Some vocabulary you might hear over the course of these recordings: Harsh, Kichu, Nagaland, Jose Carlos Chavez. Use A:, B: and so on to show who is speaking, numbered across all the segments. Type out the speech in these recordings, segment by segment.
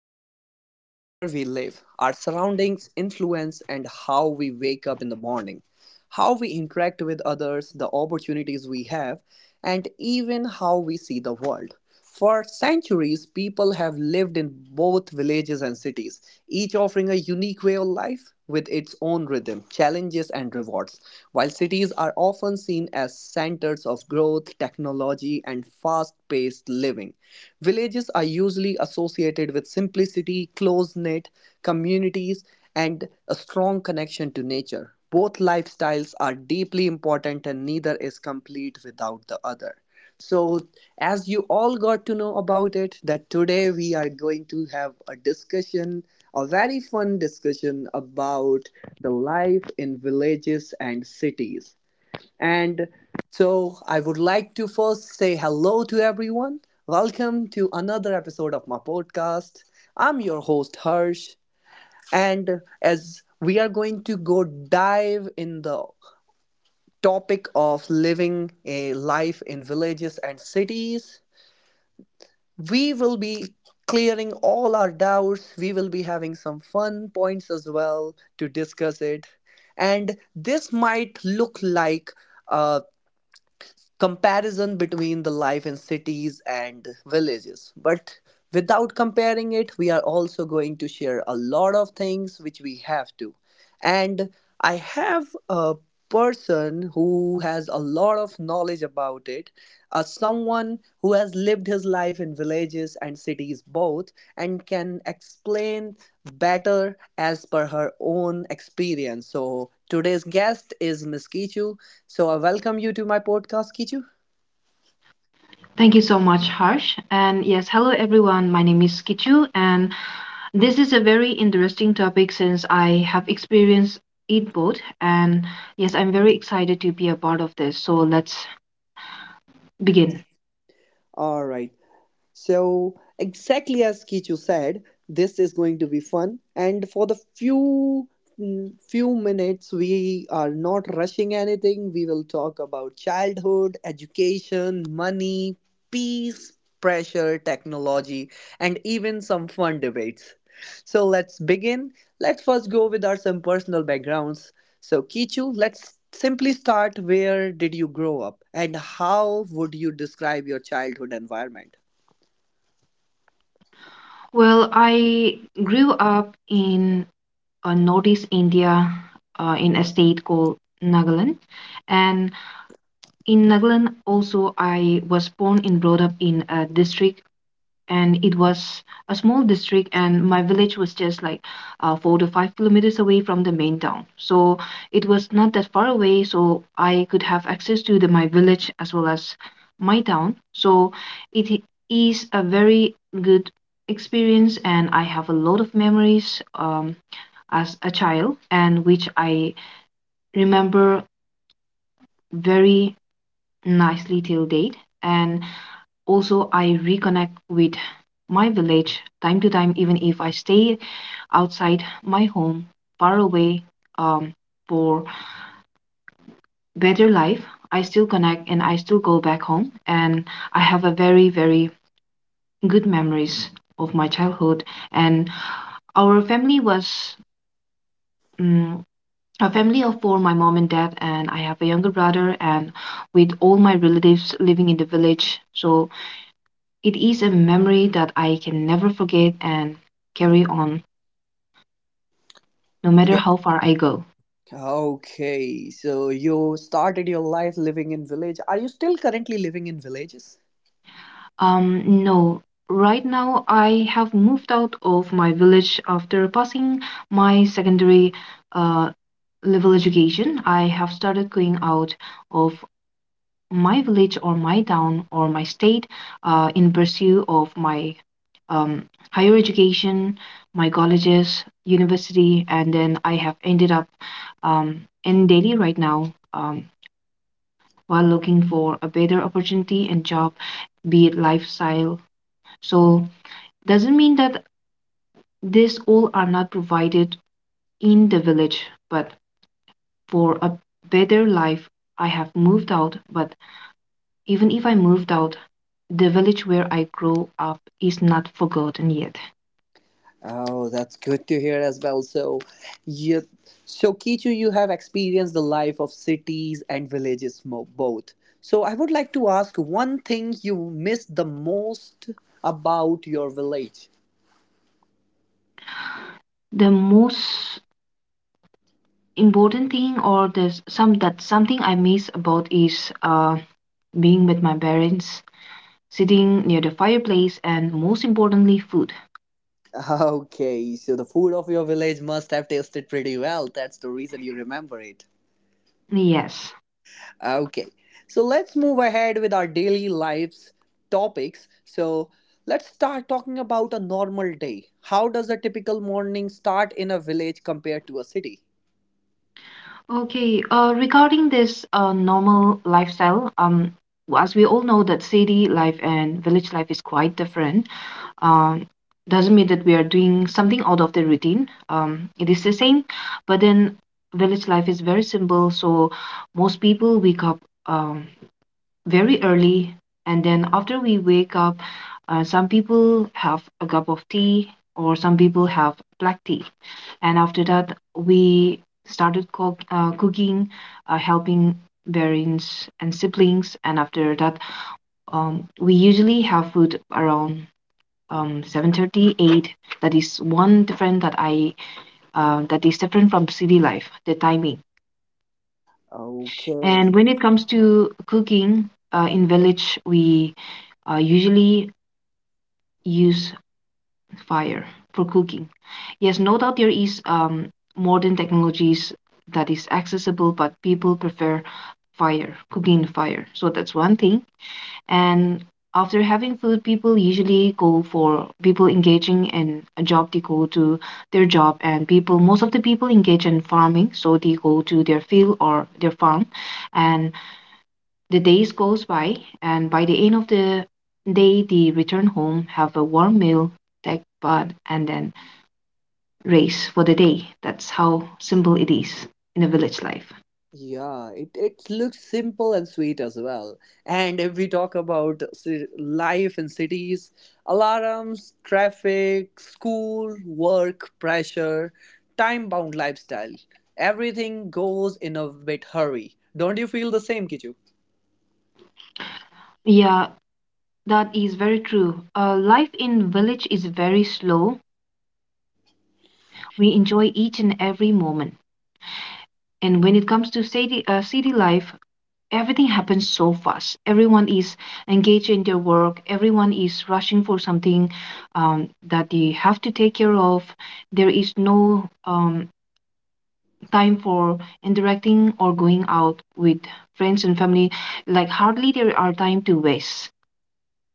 A: shaped by where we live, our surroundings influence, and how we wake up in the morning. How we interact with others, the opportunities we have, and even how we see the world. For centuries, people have lived in both villages and cities, each offering a unique way of life with its own rhythm, challenges, and rewards. While cities are often seen as centers of growth, technology, and fast paced living, villages are usually associated with simplicity, close knit communities, and a strong connection to nature. Both lifestyles are deeply important and neither is complete without the other. So, as you all got to know about it, that today we are going to have a discussion, a very fun discussion about the life in villages and cities. And so, I would like to first say hello to everyone. Welcome to another episode of my podcast. I'm your host, Harsh, and as we are going to go dive in the topic of living a life in villages and cities, we will be clearing all our doubts. We will be having some fun points as well to discuss it. And this might look like a comparison between the life in cities and villages. But without comparing it, we are also going to share a lot of things which we have to. And I have a person who has a lot of knowledge about it, someone who has lived his life in villages and cities both, and can explain better as per her own experience. So today's guest is Miss Kichu. So I welcome you to my podcast, Kichu.
B: Thank you so much, Harsh. And yes, hello everyone. My name is Kichu, and this is a very interesting topic since I have experienced it both. And yes, I'm very excited to be a part of this. So let's begin.
A: All right. So, exactly as Kichu said, this is going to be fun. And for the few minutes we are not rushing anything. We will talk about childhood, education, money, peace, pressure, technology, and even some fun debates. So let's begin. Let's first go with our some personal backgrounds. So, Kichu, let's simply start. Where did you grow up and how would you describe your childhood environment?
B: Well, I grew up in northeast India in a state called Nagaland. And in Nagaland, also, I was born and brought up in a district and it was a small district, and my village was just like 4 to 5 kilometers away from the main town, so it was not that far away, so I could have access to the my village as well as my town. So it is a very good experience, and I have a lot of memories, um, as a child, and which I remember very nicely till date. And also, I reconnect with my village time to time, even if I stay outside my home, far away, um, for better life. I still connect, and I still go back home, and I have a very, very good memories of my childhood. And our family was, um, a family of four, my mom and dad, and I have a younger brother, and with all my relatives living in the village. So it is a memory that I can never forget and carry on, no matter how far I go.
A: Okay, so you started your life living in village. Are you still currently living in villages?
B: No, right now I have moved out of my village after passing my secondary uh, level education. I have started going out of my village or my town or my state, in pursuit of my, um, higher education, my colleges, university, and then I have ended up, in Delhi right now, while looking for a better opportunity and job, be it lifestyle. So doesn't mean that this all are not provided in the village, but for a better life, I have moved out. But even if I moved out, the village where I grew up is not forgotten yet.
A: Oh, that's good to hear as well. So, you, Kichu, you have experienced the life of cities and villages both. So, I would like to ask one thing you miss the most about your village.
B: The most important thing, or there's some, that something I miss about is being with my parents, sitting near the fireplace, and most importantly, food.
A: Okay, so the food of your village must have tasted pretty well. That's the reason you remember it.
B: Yes.
A: Okay, so let's move ahead with our daily lives topics. So let's start talking about a normal day. How does a typical morning start in a village compared to a city?
B: Okay. Regarding this normal lifestyle, as we all know that city life and village life is quite different. um, doesn't mean that we are doing something out of the routine. It is the same, but then village life is very simple. So most people wake up, um, very early, and then after we wake up, some people have a cup of tea, or some people have black tea, and after that we started cooking, helping parents and siblings, and after that, we usually have food around 7:38. That is one different that I that is different from city life, the timing.
A: Okay.
B: And when it comes to cooking in village, we usually use fire for cooking. Yes, no doubt there is, modern technologies that is accessible, but people prefer fire, cooking in fire. So that's one thing. And after having food, people usually go for people engaging in a job, they go to their job, and people, most of the people engage in farming, so they go to their field or their farm, and the days goes by, and by the end of the day, they return home, have a warm meal, take bath, and then race for the day. That's how simple it is in a village life.
A: Yeah, it looks simple and sweet as well. And if we talk about life in cities, alarms, traffic, school, work, pressure, time bound lifestyle, everything goes in a bit hurry. Don't you feel the same, Kichu?
B: Yeah, that is very true. Life in village is very slow. We enjoy each and every moment. And when it comes to city, city life, everything happens so fast. Everyone is engaged in their work. Everyone is rushing for something, that they have to take care of. There is no, time for interacting or going out with friends and family. Like, hardly there are time to waste.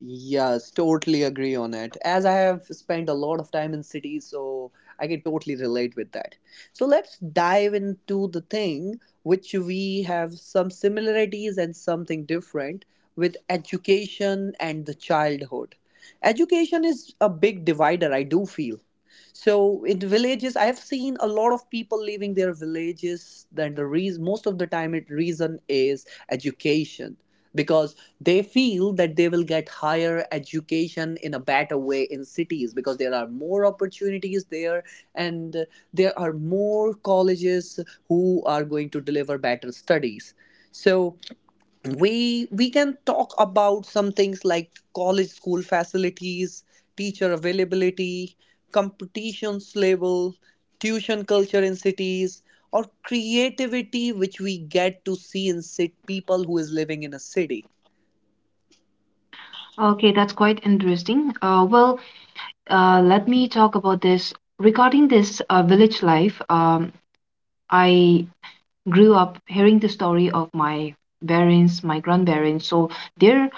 A: Yes, totally agree on it. As I have spent a lot of time in cities, so I can totally relate with that. So let's dive into the thing which we have some similarities and something different with education and the childhood. Education is a big divider, I do feel. So in villages, I have seen a lot of people leaving their villages. Then the reason, most of the time, it reason is education, because they feel that they will get higher education in a better way in cities because there are more opportunities there. And there are more colleges who are going to deliver better studies. So we can talk about some things like college, school facilities, teacher availability, competitions level, tuition culture in cities, or creativity which we get to see in people who is living in a city.
B: Okay, that's quite interesting. Let me talk about this. Regarding this village life, I grew up hearing the story of my parents, my grandparents. So their,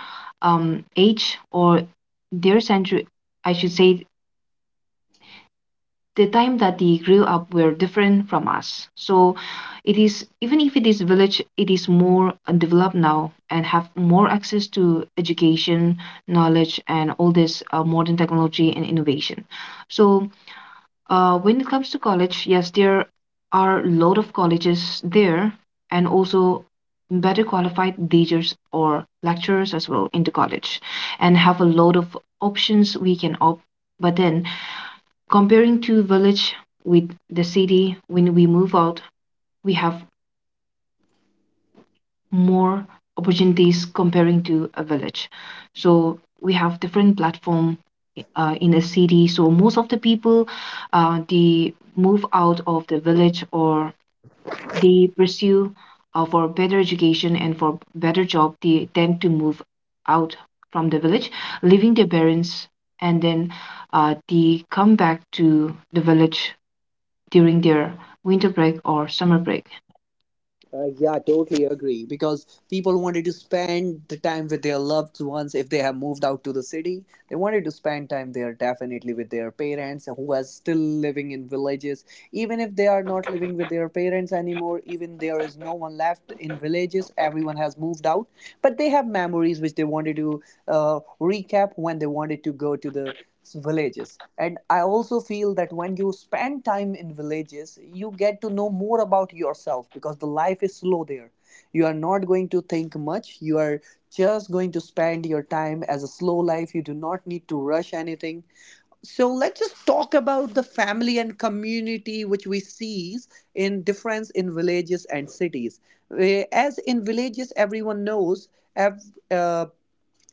B: age or their century, I should say the time that they grew up were different from us. So it is, even if it is village, it is more developed now and have more access to education, knowledge, and all this modern technology and innovation. So when it comes to college, yes, there are a lot of colleges there, and also better qualified teachers or lecturers as well into college, and have a lot of options we can opt, but then, comparing to village with the city, when we move out, we have more opportunities comparing to a village, so we have different platform in a city. So most of the people, they move out of the village, or they pursue for better education, and for better job they tend to move out from the village leaving their parents, and then they come back to the village during their winter break or summer break.
A: Yeah, totally agree. Because people wanted to spend the time with their loved ones if they have moved out to the city. They wanted to spend time there definitely with their parents who are still living in villages. Even if they are not living with their parents anymore, even there is no one left in villages, everyone has moved out. But they have memories which they wanted to recap when they wanted to go to the villages. And I also feel that when you spend time in villages, you get to know more about yourself, because the life is slow there. You are not going to think much. You are just going to spend your time as a slow life. You do not need to rush anything. So let's just talk about the family and community which we see in difference in villages and cities. As in villages, ev- uh,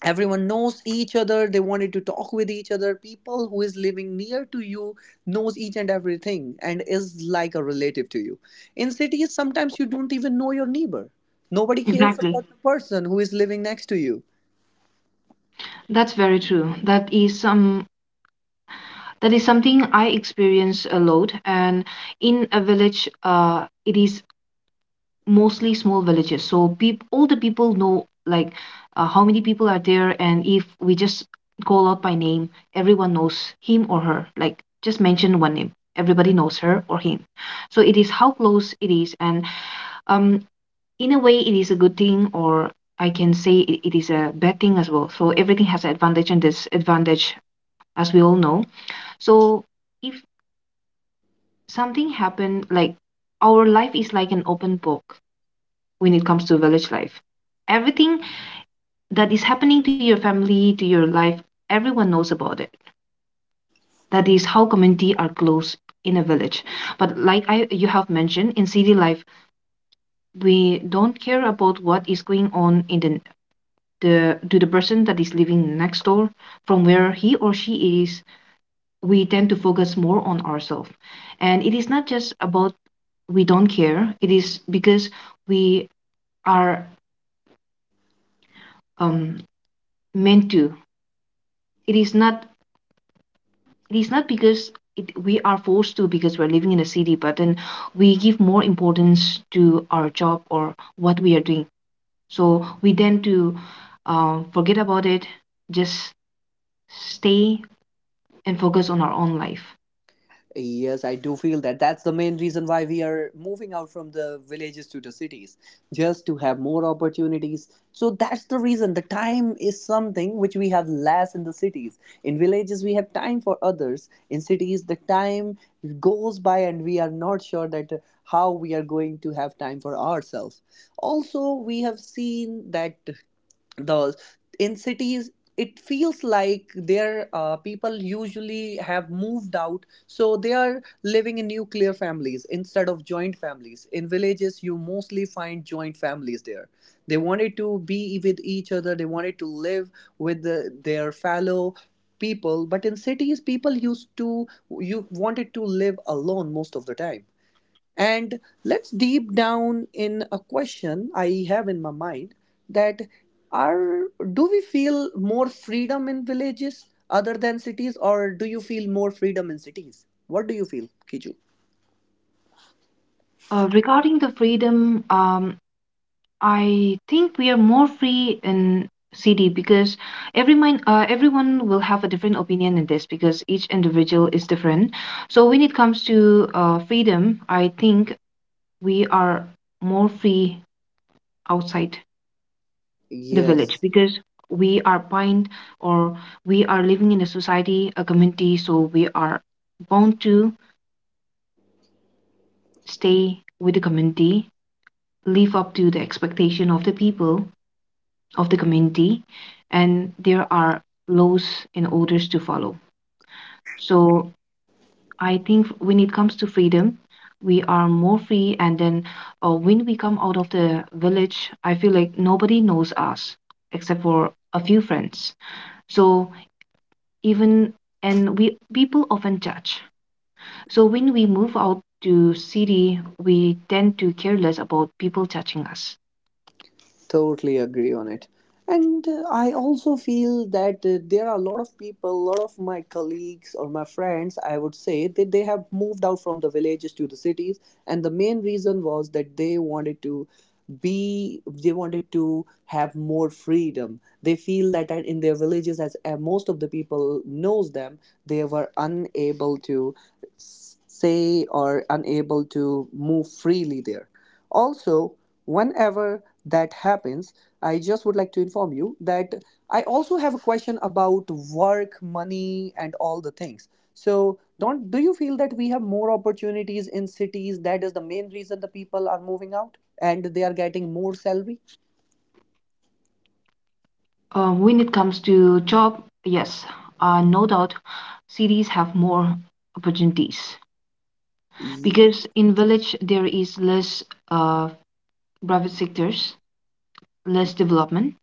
A: everyone knows each other. They wanted to talk with each other. People who is living near to you knows each and everything and is like a relative to you. In cities, sometimes you don't even know your neighbor. Nobody cares
B: Exactly,
A: about the person who is living next to you.
B: that's very true. That is some, that is something I experience a lot. And in a village, uh, it is mostly small villages, so peop all the people know, like, how many people are there, and if we just call out by name, everyone knows him or her. Like, just mention one name, everybody knows her or him. So it is how close it is. And, um in a way it is a good thing, or I can say it is a bad thing as well. So everything has an advantage and disadvantage, as we all know. So if something happened, like, our life is like an open book when it comes to village life. Everything that is happening to your family, to your life, everyone knows about it. That is how community are close in a village. But like I, you have mentioned, in city life we don't care about what is going on in the to the person that is living next door, from where he or she is. We tend to focus more on ourselves. And it is not just about we don't care, it is because we are, um, meant to, it is not, it is not because it, we are forced to because we're living in a city, but then we give more importance to our job or what we are doing, so we tend to forget about it, just stay and focus on our own life.
A: Yes, I do feel that. That's the main reason why we are moving out from the villages to the cities, just to have more opportunities. So that's the reason. The time is something which we have less in the cities. In villages, we have time for others. In cities, the time goes by and we are not sure that how we are going to have time for ourselves. Also, we have seen that the in cities it feels like their people usually have moved out, so they are living in nuclear families instead of joint families. In villages, you mostly find joint families there. They wanted to be with each other. They wanted to live with their fellow people. But in cities, people used to you wanted to live alone most of the time. And let's deep down in a question I have in my mind, that are do we feel more freedom in villages other than cities, or do you feel more freedom in cities? What do you feel, Kiju?
B: Regarding the freedom, I think we are more free in city because every mind, everyone will have a different opinion in this because each individual is different. So when it comes to freedom, I think we are more free outside the village
A: Yes.
B: because we are bind, or we are living in a society, a community, so we are bound to stay with the community, live up to the expectation of the people of the community, and there are laws and orders to follow. So I think when it comes to freedom, we are more free. And then when we come out of the village, I feel like nobody knows us except for a few friends. So even, and we, people often judge. So when we move out to city, we tend to care less about people judging us.
A: Totally agree on it. And I also feel that there are a lot of people, a lot of my colleagues or my friends, I would say, that they have moved out from the villages to the cities. And the main reason was that they wanted to have more freedom. They feel that in their villages, as most of the people knows them, they were unable to say or unable to move freely there. Also, whenever that happens, I just would like to inform you that I also have a question about work, money, and all the things. So, don't do you feel that we have more opportunities in cities? That is the main reason the people are moving out and they are getting more salary.
B: When it comes to job, yes, no doubt cities have more opportunities
A: Y-
B: because in village there is less, uh, private sectors, less development.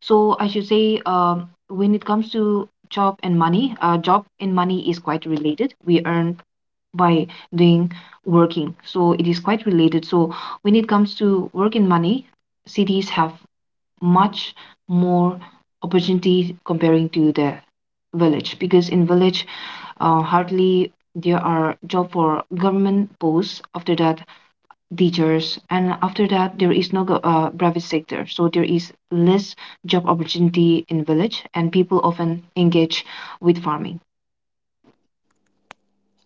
B: So I should say, when it comes to job and money is quite related. We earn by doing working, so it is quite related. So when it comes to work and money, cities have much more opportunity comparing to the village, because in village, hardly there are job for government posts, after that teachers, and after that there is no private sector. So there is less job opportunity in village, and people often engage with farming.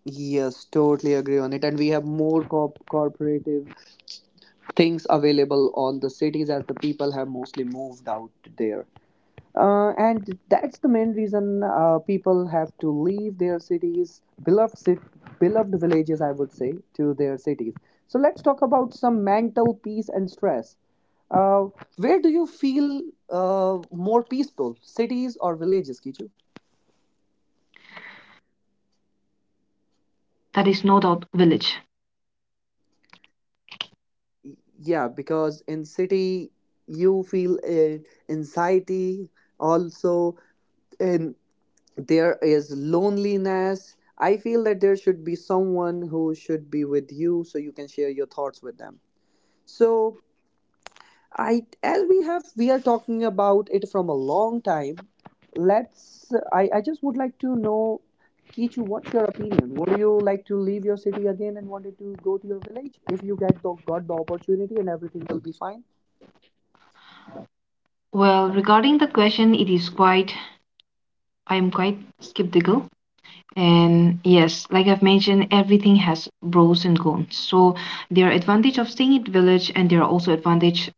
A: Yes, totally agree on it. And we have more corporative things available on the cities as the people have mostly moved out there. And that's the main reason people have to leave their beloved villages, I would say, to their cities. So let's talk about some mental peace and stress. Uh, where do you feel more peaceful, cities or villages, Kichu?
B: That is no doubt village.
A: Yeah, because in city you feel anxiety. Also, in there is loneliness. I feel that there should be someone who should be with you so you can share your thoughts with them. So I as we are talking about it from a long time. Let's i i just would like to know, Kichu, what's your opinion? Would you like to leave your city again and wanted to go to your village? If you got the opportunity and everything will be fine,
B: Well, regarding the question, it is quite, I am quite skeptical. And yes, like I've mentioned, everything has pros and cons. So there are advantage of staying in village, and there are also advantage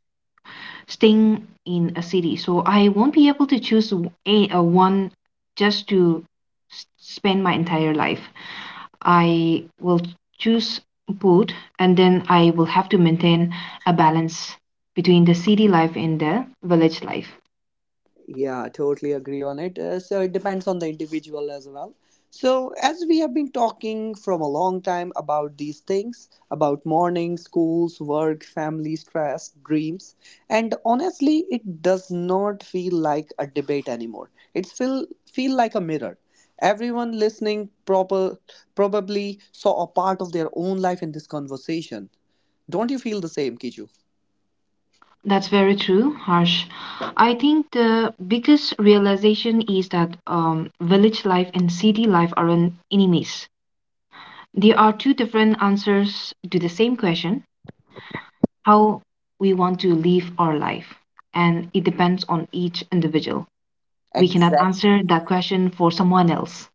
B: staying in a city. So I won't be able to choose a one just to spend my entire life. I will choose both, and then I will have to maintain a balance between the city life and the village life.
A: Yeah, totally agree on it. So it depends on the individual as well. So, as we have been talking from a long time about these things about morning, schools, work, family, stress, dreams, and honestly, it does not feel like a debate anymore. It's feel like a mirror. Everyone listening probably saw a part of their own life in this conversation. Don't you feel the same, Kiju?
B: That's very true, Harsh. I think the biggest realization is that, village life and city life aren't enemies. They are two different answers to the same question: how we want to live our life, and it depends on each individual. We cannot
A: Exactly.
B: answer that question for someone else.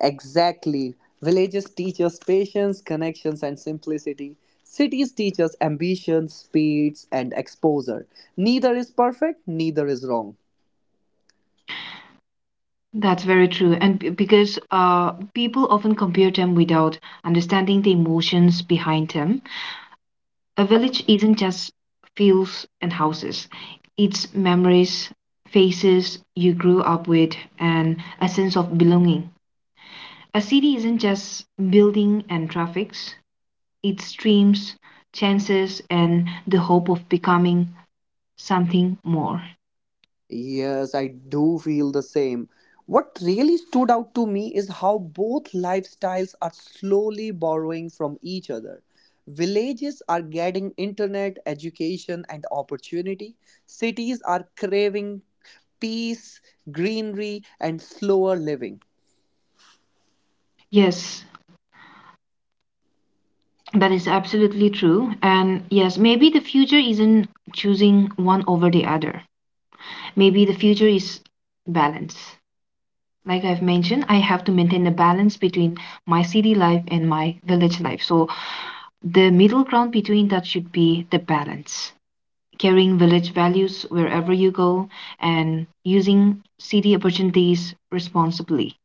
A: Exactly. Villages teach us patience, connections, and simplicity. Cities teach us ambition, speeds, and exposure. Neither is perfect, neither is wrong.
B: That's very true. And because people often compare them without understanding the emotions behind them. A village isn't just fields and houses; it's memories, faces you grew up with, and a sense of belonging. A city isn't just building and traffic. Its dreams, chances, and the hope of becoming something more.
A: Yes, I do feel the same. What really stood out to me is how both lifestyles are slowly borrowing from each other. Villages are getting internet, education, and opportunity. Cities are craving peace, greenery, and slower living.
B: Yes, that is absolutely true. And yes, maybe the future isn't choosing one over the other. Maybe the future is balance. Like I've mentioned, I have to maintain a balance between my city life and my village life. So the middle ground between that should be the balance. Carrying village values wherever you go and using city opportunities responsibly.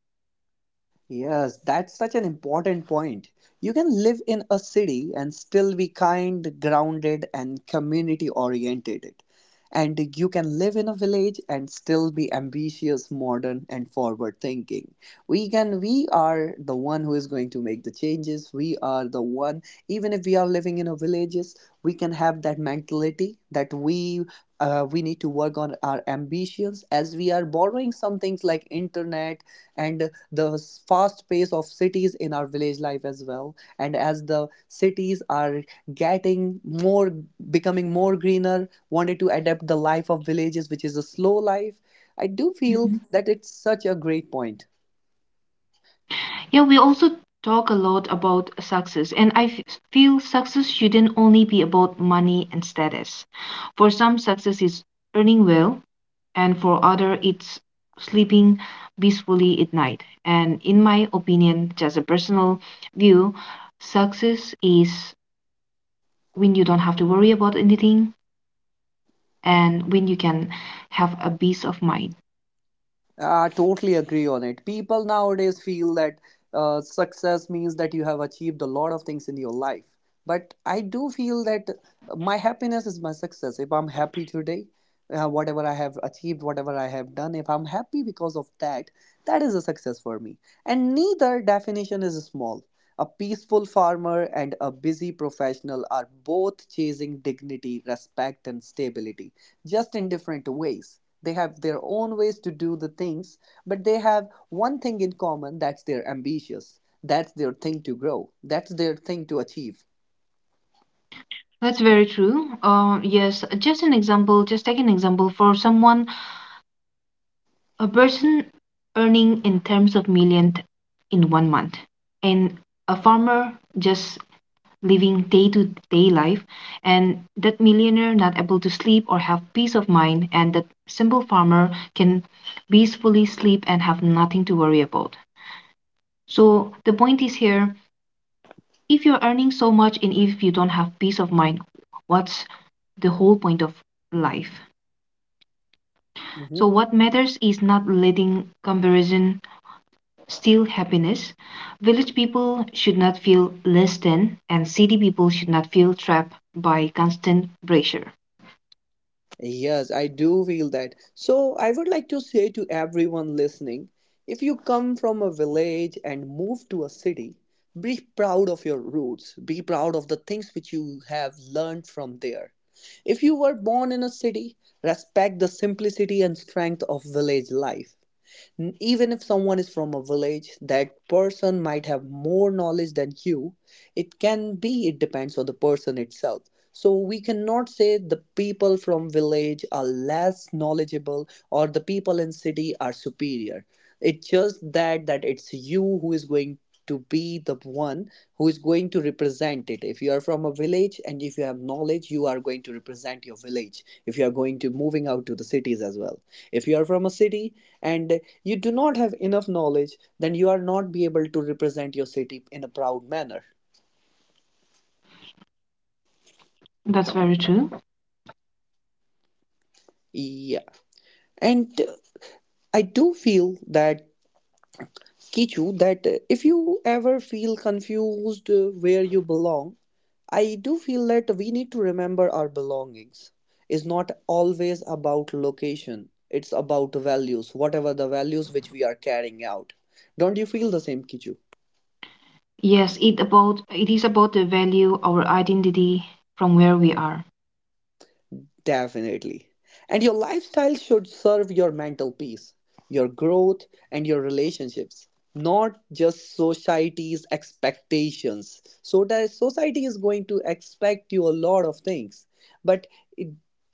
A: Yes, that's such an important point. You can live in a city and still be kind, grounded, and community oriented. And you can live in a village and still be ambitious, modern, and forward thinking. We are the one who is going to make the changes. We are the one, even if we are living in a villages, we can have that mentality that we need to work on our ambitions, as we are borrowing some things like internet and the fast pace of cities in our village life as well. And as the cities are getting more, becoming more greener, wanted to adapt the life of villages, which is a slow life. I do feel that it's such a great point.
B: Yeah, we also talk a lot about success, and feel success shouldn't only be about money and status. For some, success is earning well, and for other, it's sleeping peacefully at night. And in my opinion, just a personal view, success is when you don't have to worry about anything and when you can have a peace of mind.
A: I totally agree on it. People nowadays feel that success means that you have achieved a lot of things in your life. But I do feel that my happiness is my success. If I'm happy today, whatever I have achieved, whatever I have done, if I'm happy because of that, that is a success for me. And neither definition is small. A peaceful farmer and a busy professional are both chasing dignity, respect, and stability, just in different ways. They have their own ways to do the things, but they have one thing in common, that's they're ambitious, that's their thing to grow, that's their thing to achieve.
B: That's very true. Yes, just an example, just take an example for someone a person earning in terms of million in one month, and a farmer just living day to day life, and that millionaire not able to sleep or have peace of mind, and that simple farmer can peacefully sleep and have nothing to worry about. So the point is here, if you're earning so much and if you don't have peace of mind, what's the whole point of life? So
A: Mhm.
B: what matters is not letting comparison still happiness. Village people should not feel less than, and city people should not feel trapped by constant pressure.
A: Yes, I do feel that. So, I would like to say to everyone listening, if you come from a village and move to a city, be proud of your roots, be proud of the things which you have learned from there. If you were born in a city, respect the simplicity and strength of village life. Even if someone is from a village, that person might have more knowledge than you. It can be, it depends on the person itself. So we cannot say the people from village are less knowledgeable or the people in city are superior. It's just that it's you who is going to be the one who is going to represent it. If you are from a village and if you have knowledge, you are going to represent your village if you are going to moving out to the cities as well. If you are from a city and you do not have enough knowledge, then you are not be able to represent your city in a proud manner.
B: That's very true.
A: Yeah, and I do feel that, Kichu, that if you ever feel confused where you belong, I do feel that we need to remember our belongings is not always about location. It's about values, whatever the values which we are carrying out. Don't you feel the same, Kichu?
B: Yes, it about it is about the value our identity from where we are.
A: Definitely. And your lifestyle should serve your mental peace, your growth, and your relationships, not just society's expectations. So that society is going to expect you a lot of things. But it,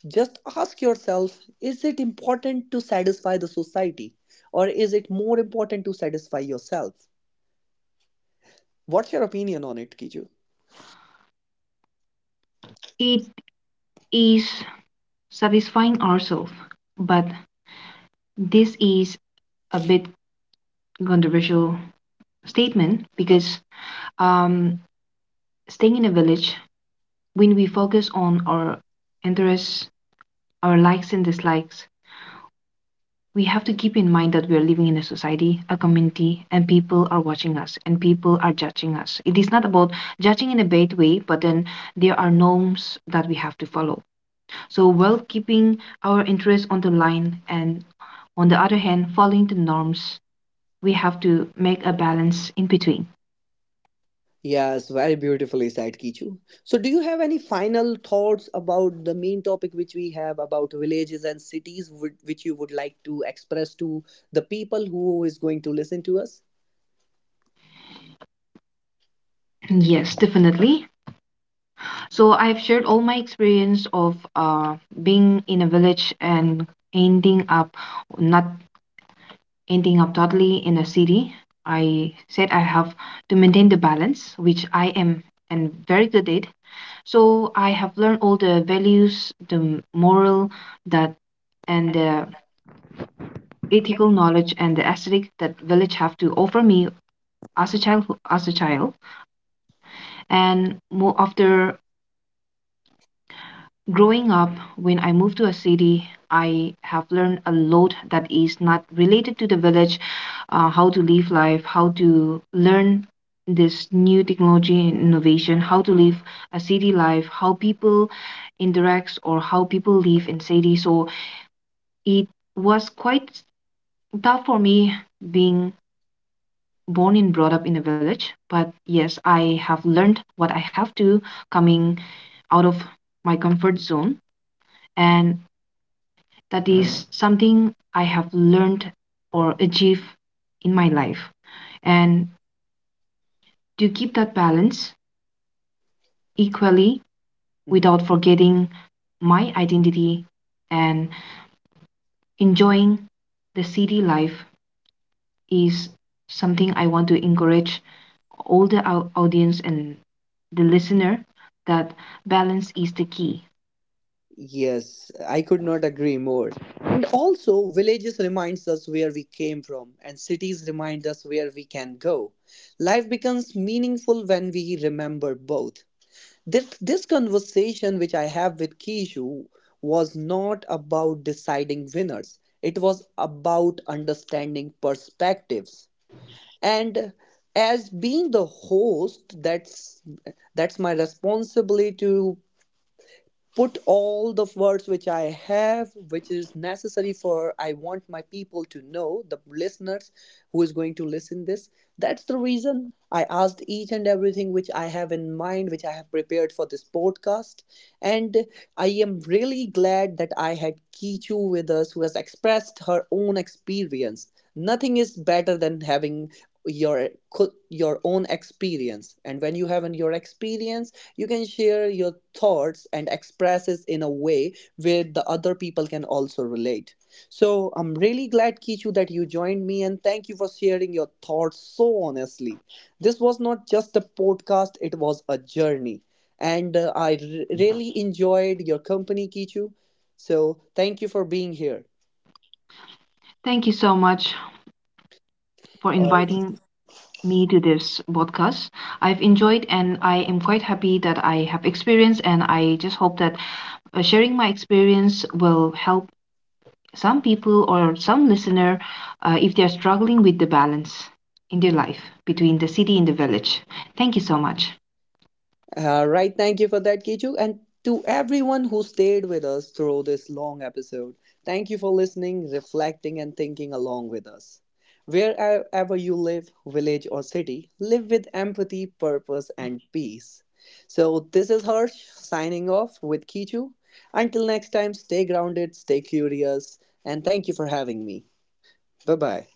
A: just ask yourself, is it important to satisfy the society? Or is it more important to satisfy yourself? What's your opinion on it, Kiju?
B: It is satisfying ourselves, but this is a bit controversial statement because um, staying in a village when we focus on our interests, our likes and dislikes, we have to keep in mind that we are living in a society, a community, and people are watching us and people are judging us. It is not about judging in a bad way, but then there are norms that we have to follow. So, while keeping our interests on the line and on the other hand, following the norms, we have to make a balance in between.
A: Yes, very beautifully said, Kichu. So, do you have any final thoughts about the main topic which we have about villages and cities, which you would like to express to the people who is going to listen to us?
B: Yes, definitely. So I've shared all my experience of being in a village and ending up not ending up totally in a city. I said I have to maintain the balance, which I am and very good at. So I have learned all the values, the moral that and the ethical knowledge and the aesthetic that village have to offer me as a child, and more after growing up, when I moved to a city, I have learned a lot that is not related to the village, how to live life, how to learn this new technology and innovation, how to live a city life, how people interacts or how people live in city. So it was quite tough for me being born and brought up in a village. But yes, I have learned what I have to coming out of my comfort zone, and that is something I have learned or achieved in my life. And to keep that balance equally
A: Mhm.
B: without forgetting my identity and enjoying the city life is something I want to encourage all the audience and the listener that balance is the key.
A: Yes, I could not agree more. And also, villages reminds us where we came from, and cities remind us where we can go. Life becomes meaningful when we remember both. This conversation which I have with Kishu was not about deciding winners, it was about understanding perspectives. And as being the host, that's my responsibility to put all the words which I have, which is necessary, for I want my people to know, the listeners who is going to listen this. That's the reason I asked each and everything which I have in mind, which I have prepared for this podcast. And I am really glad that I had Kichu with us, who has expressed her own experience. Nothing is better than having your your own experience, and when you have your experience you can share your thoughts and expresses in a way where the other people can also relate. So I'm really glad, Kichu, that you joined me, and thank you for sharing your thoughts so honestly. This was not just a podcast, it was a journey. And really enjoyed your company, Kichu. So thank you for being here.
B: Thank you so much for
A: Or
B: inviting me to this podcast. I've enjoyed and I am quite happy that I have experience and I just hope that sharing my experience will help some people or some listener if they're struggling with the balance in their life between the city and the village. Thank you so much.
A: all right, thank you for that, Kichu. And to everyone who stayed with us through this long episode, thank you for listening, reflecting, and thinking along with us. Wherever you live, village or city, live with empathy, purpose, and peace. So, this is Harsh signing off with Kichu. Until next time, stay grounded, stay curious, and thank you for having me. Bye bye.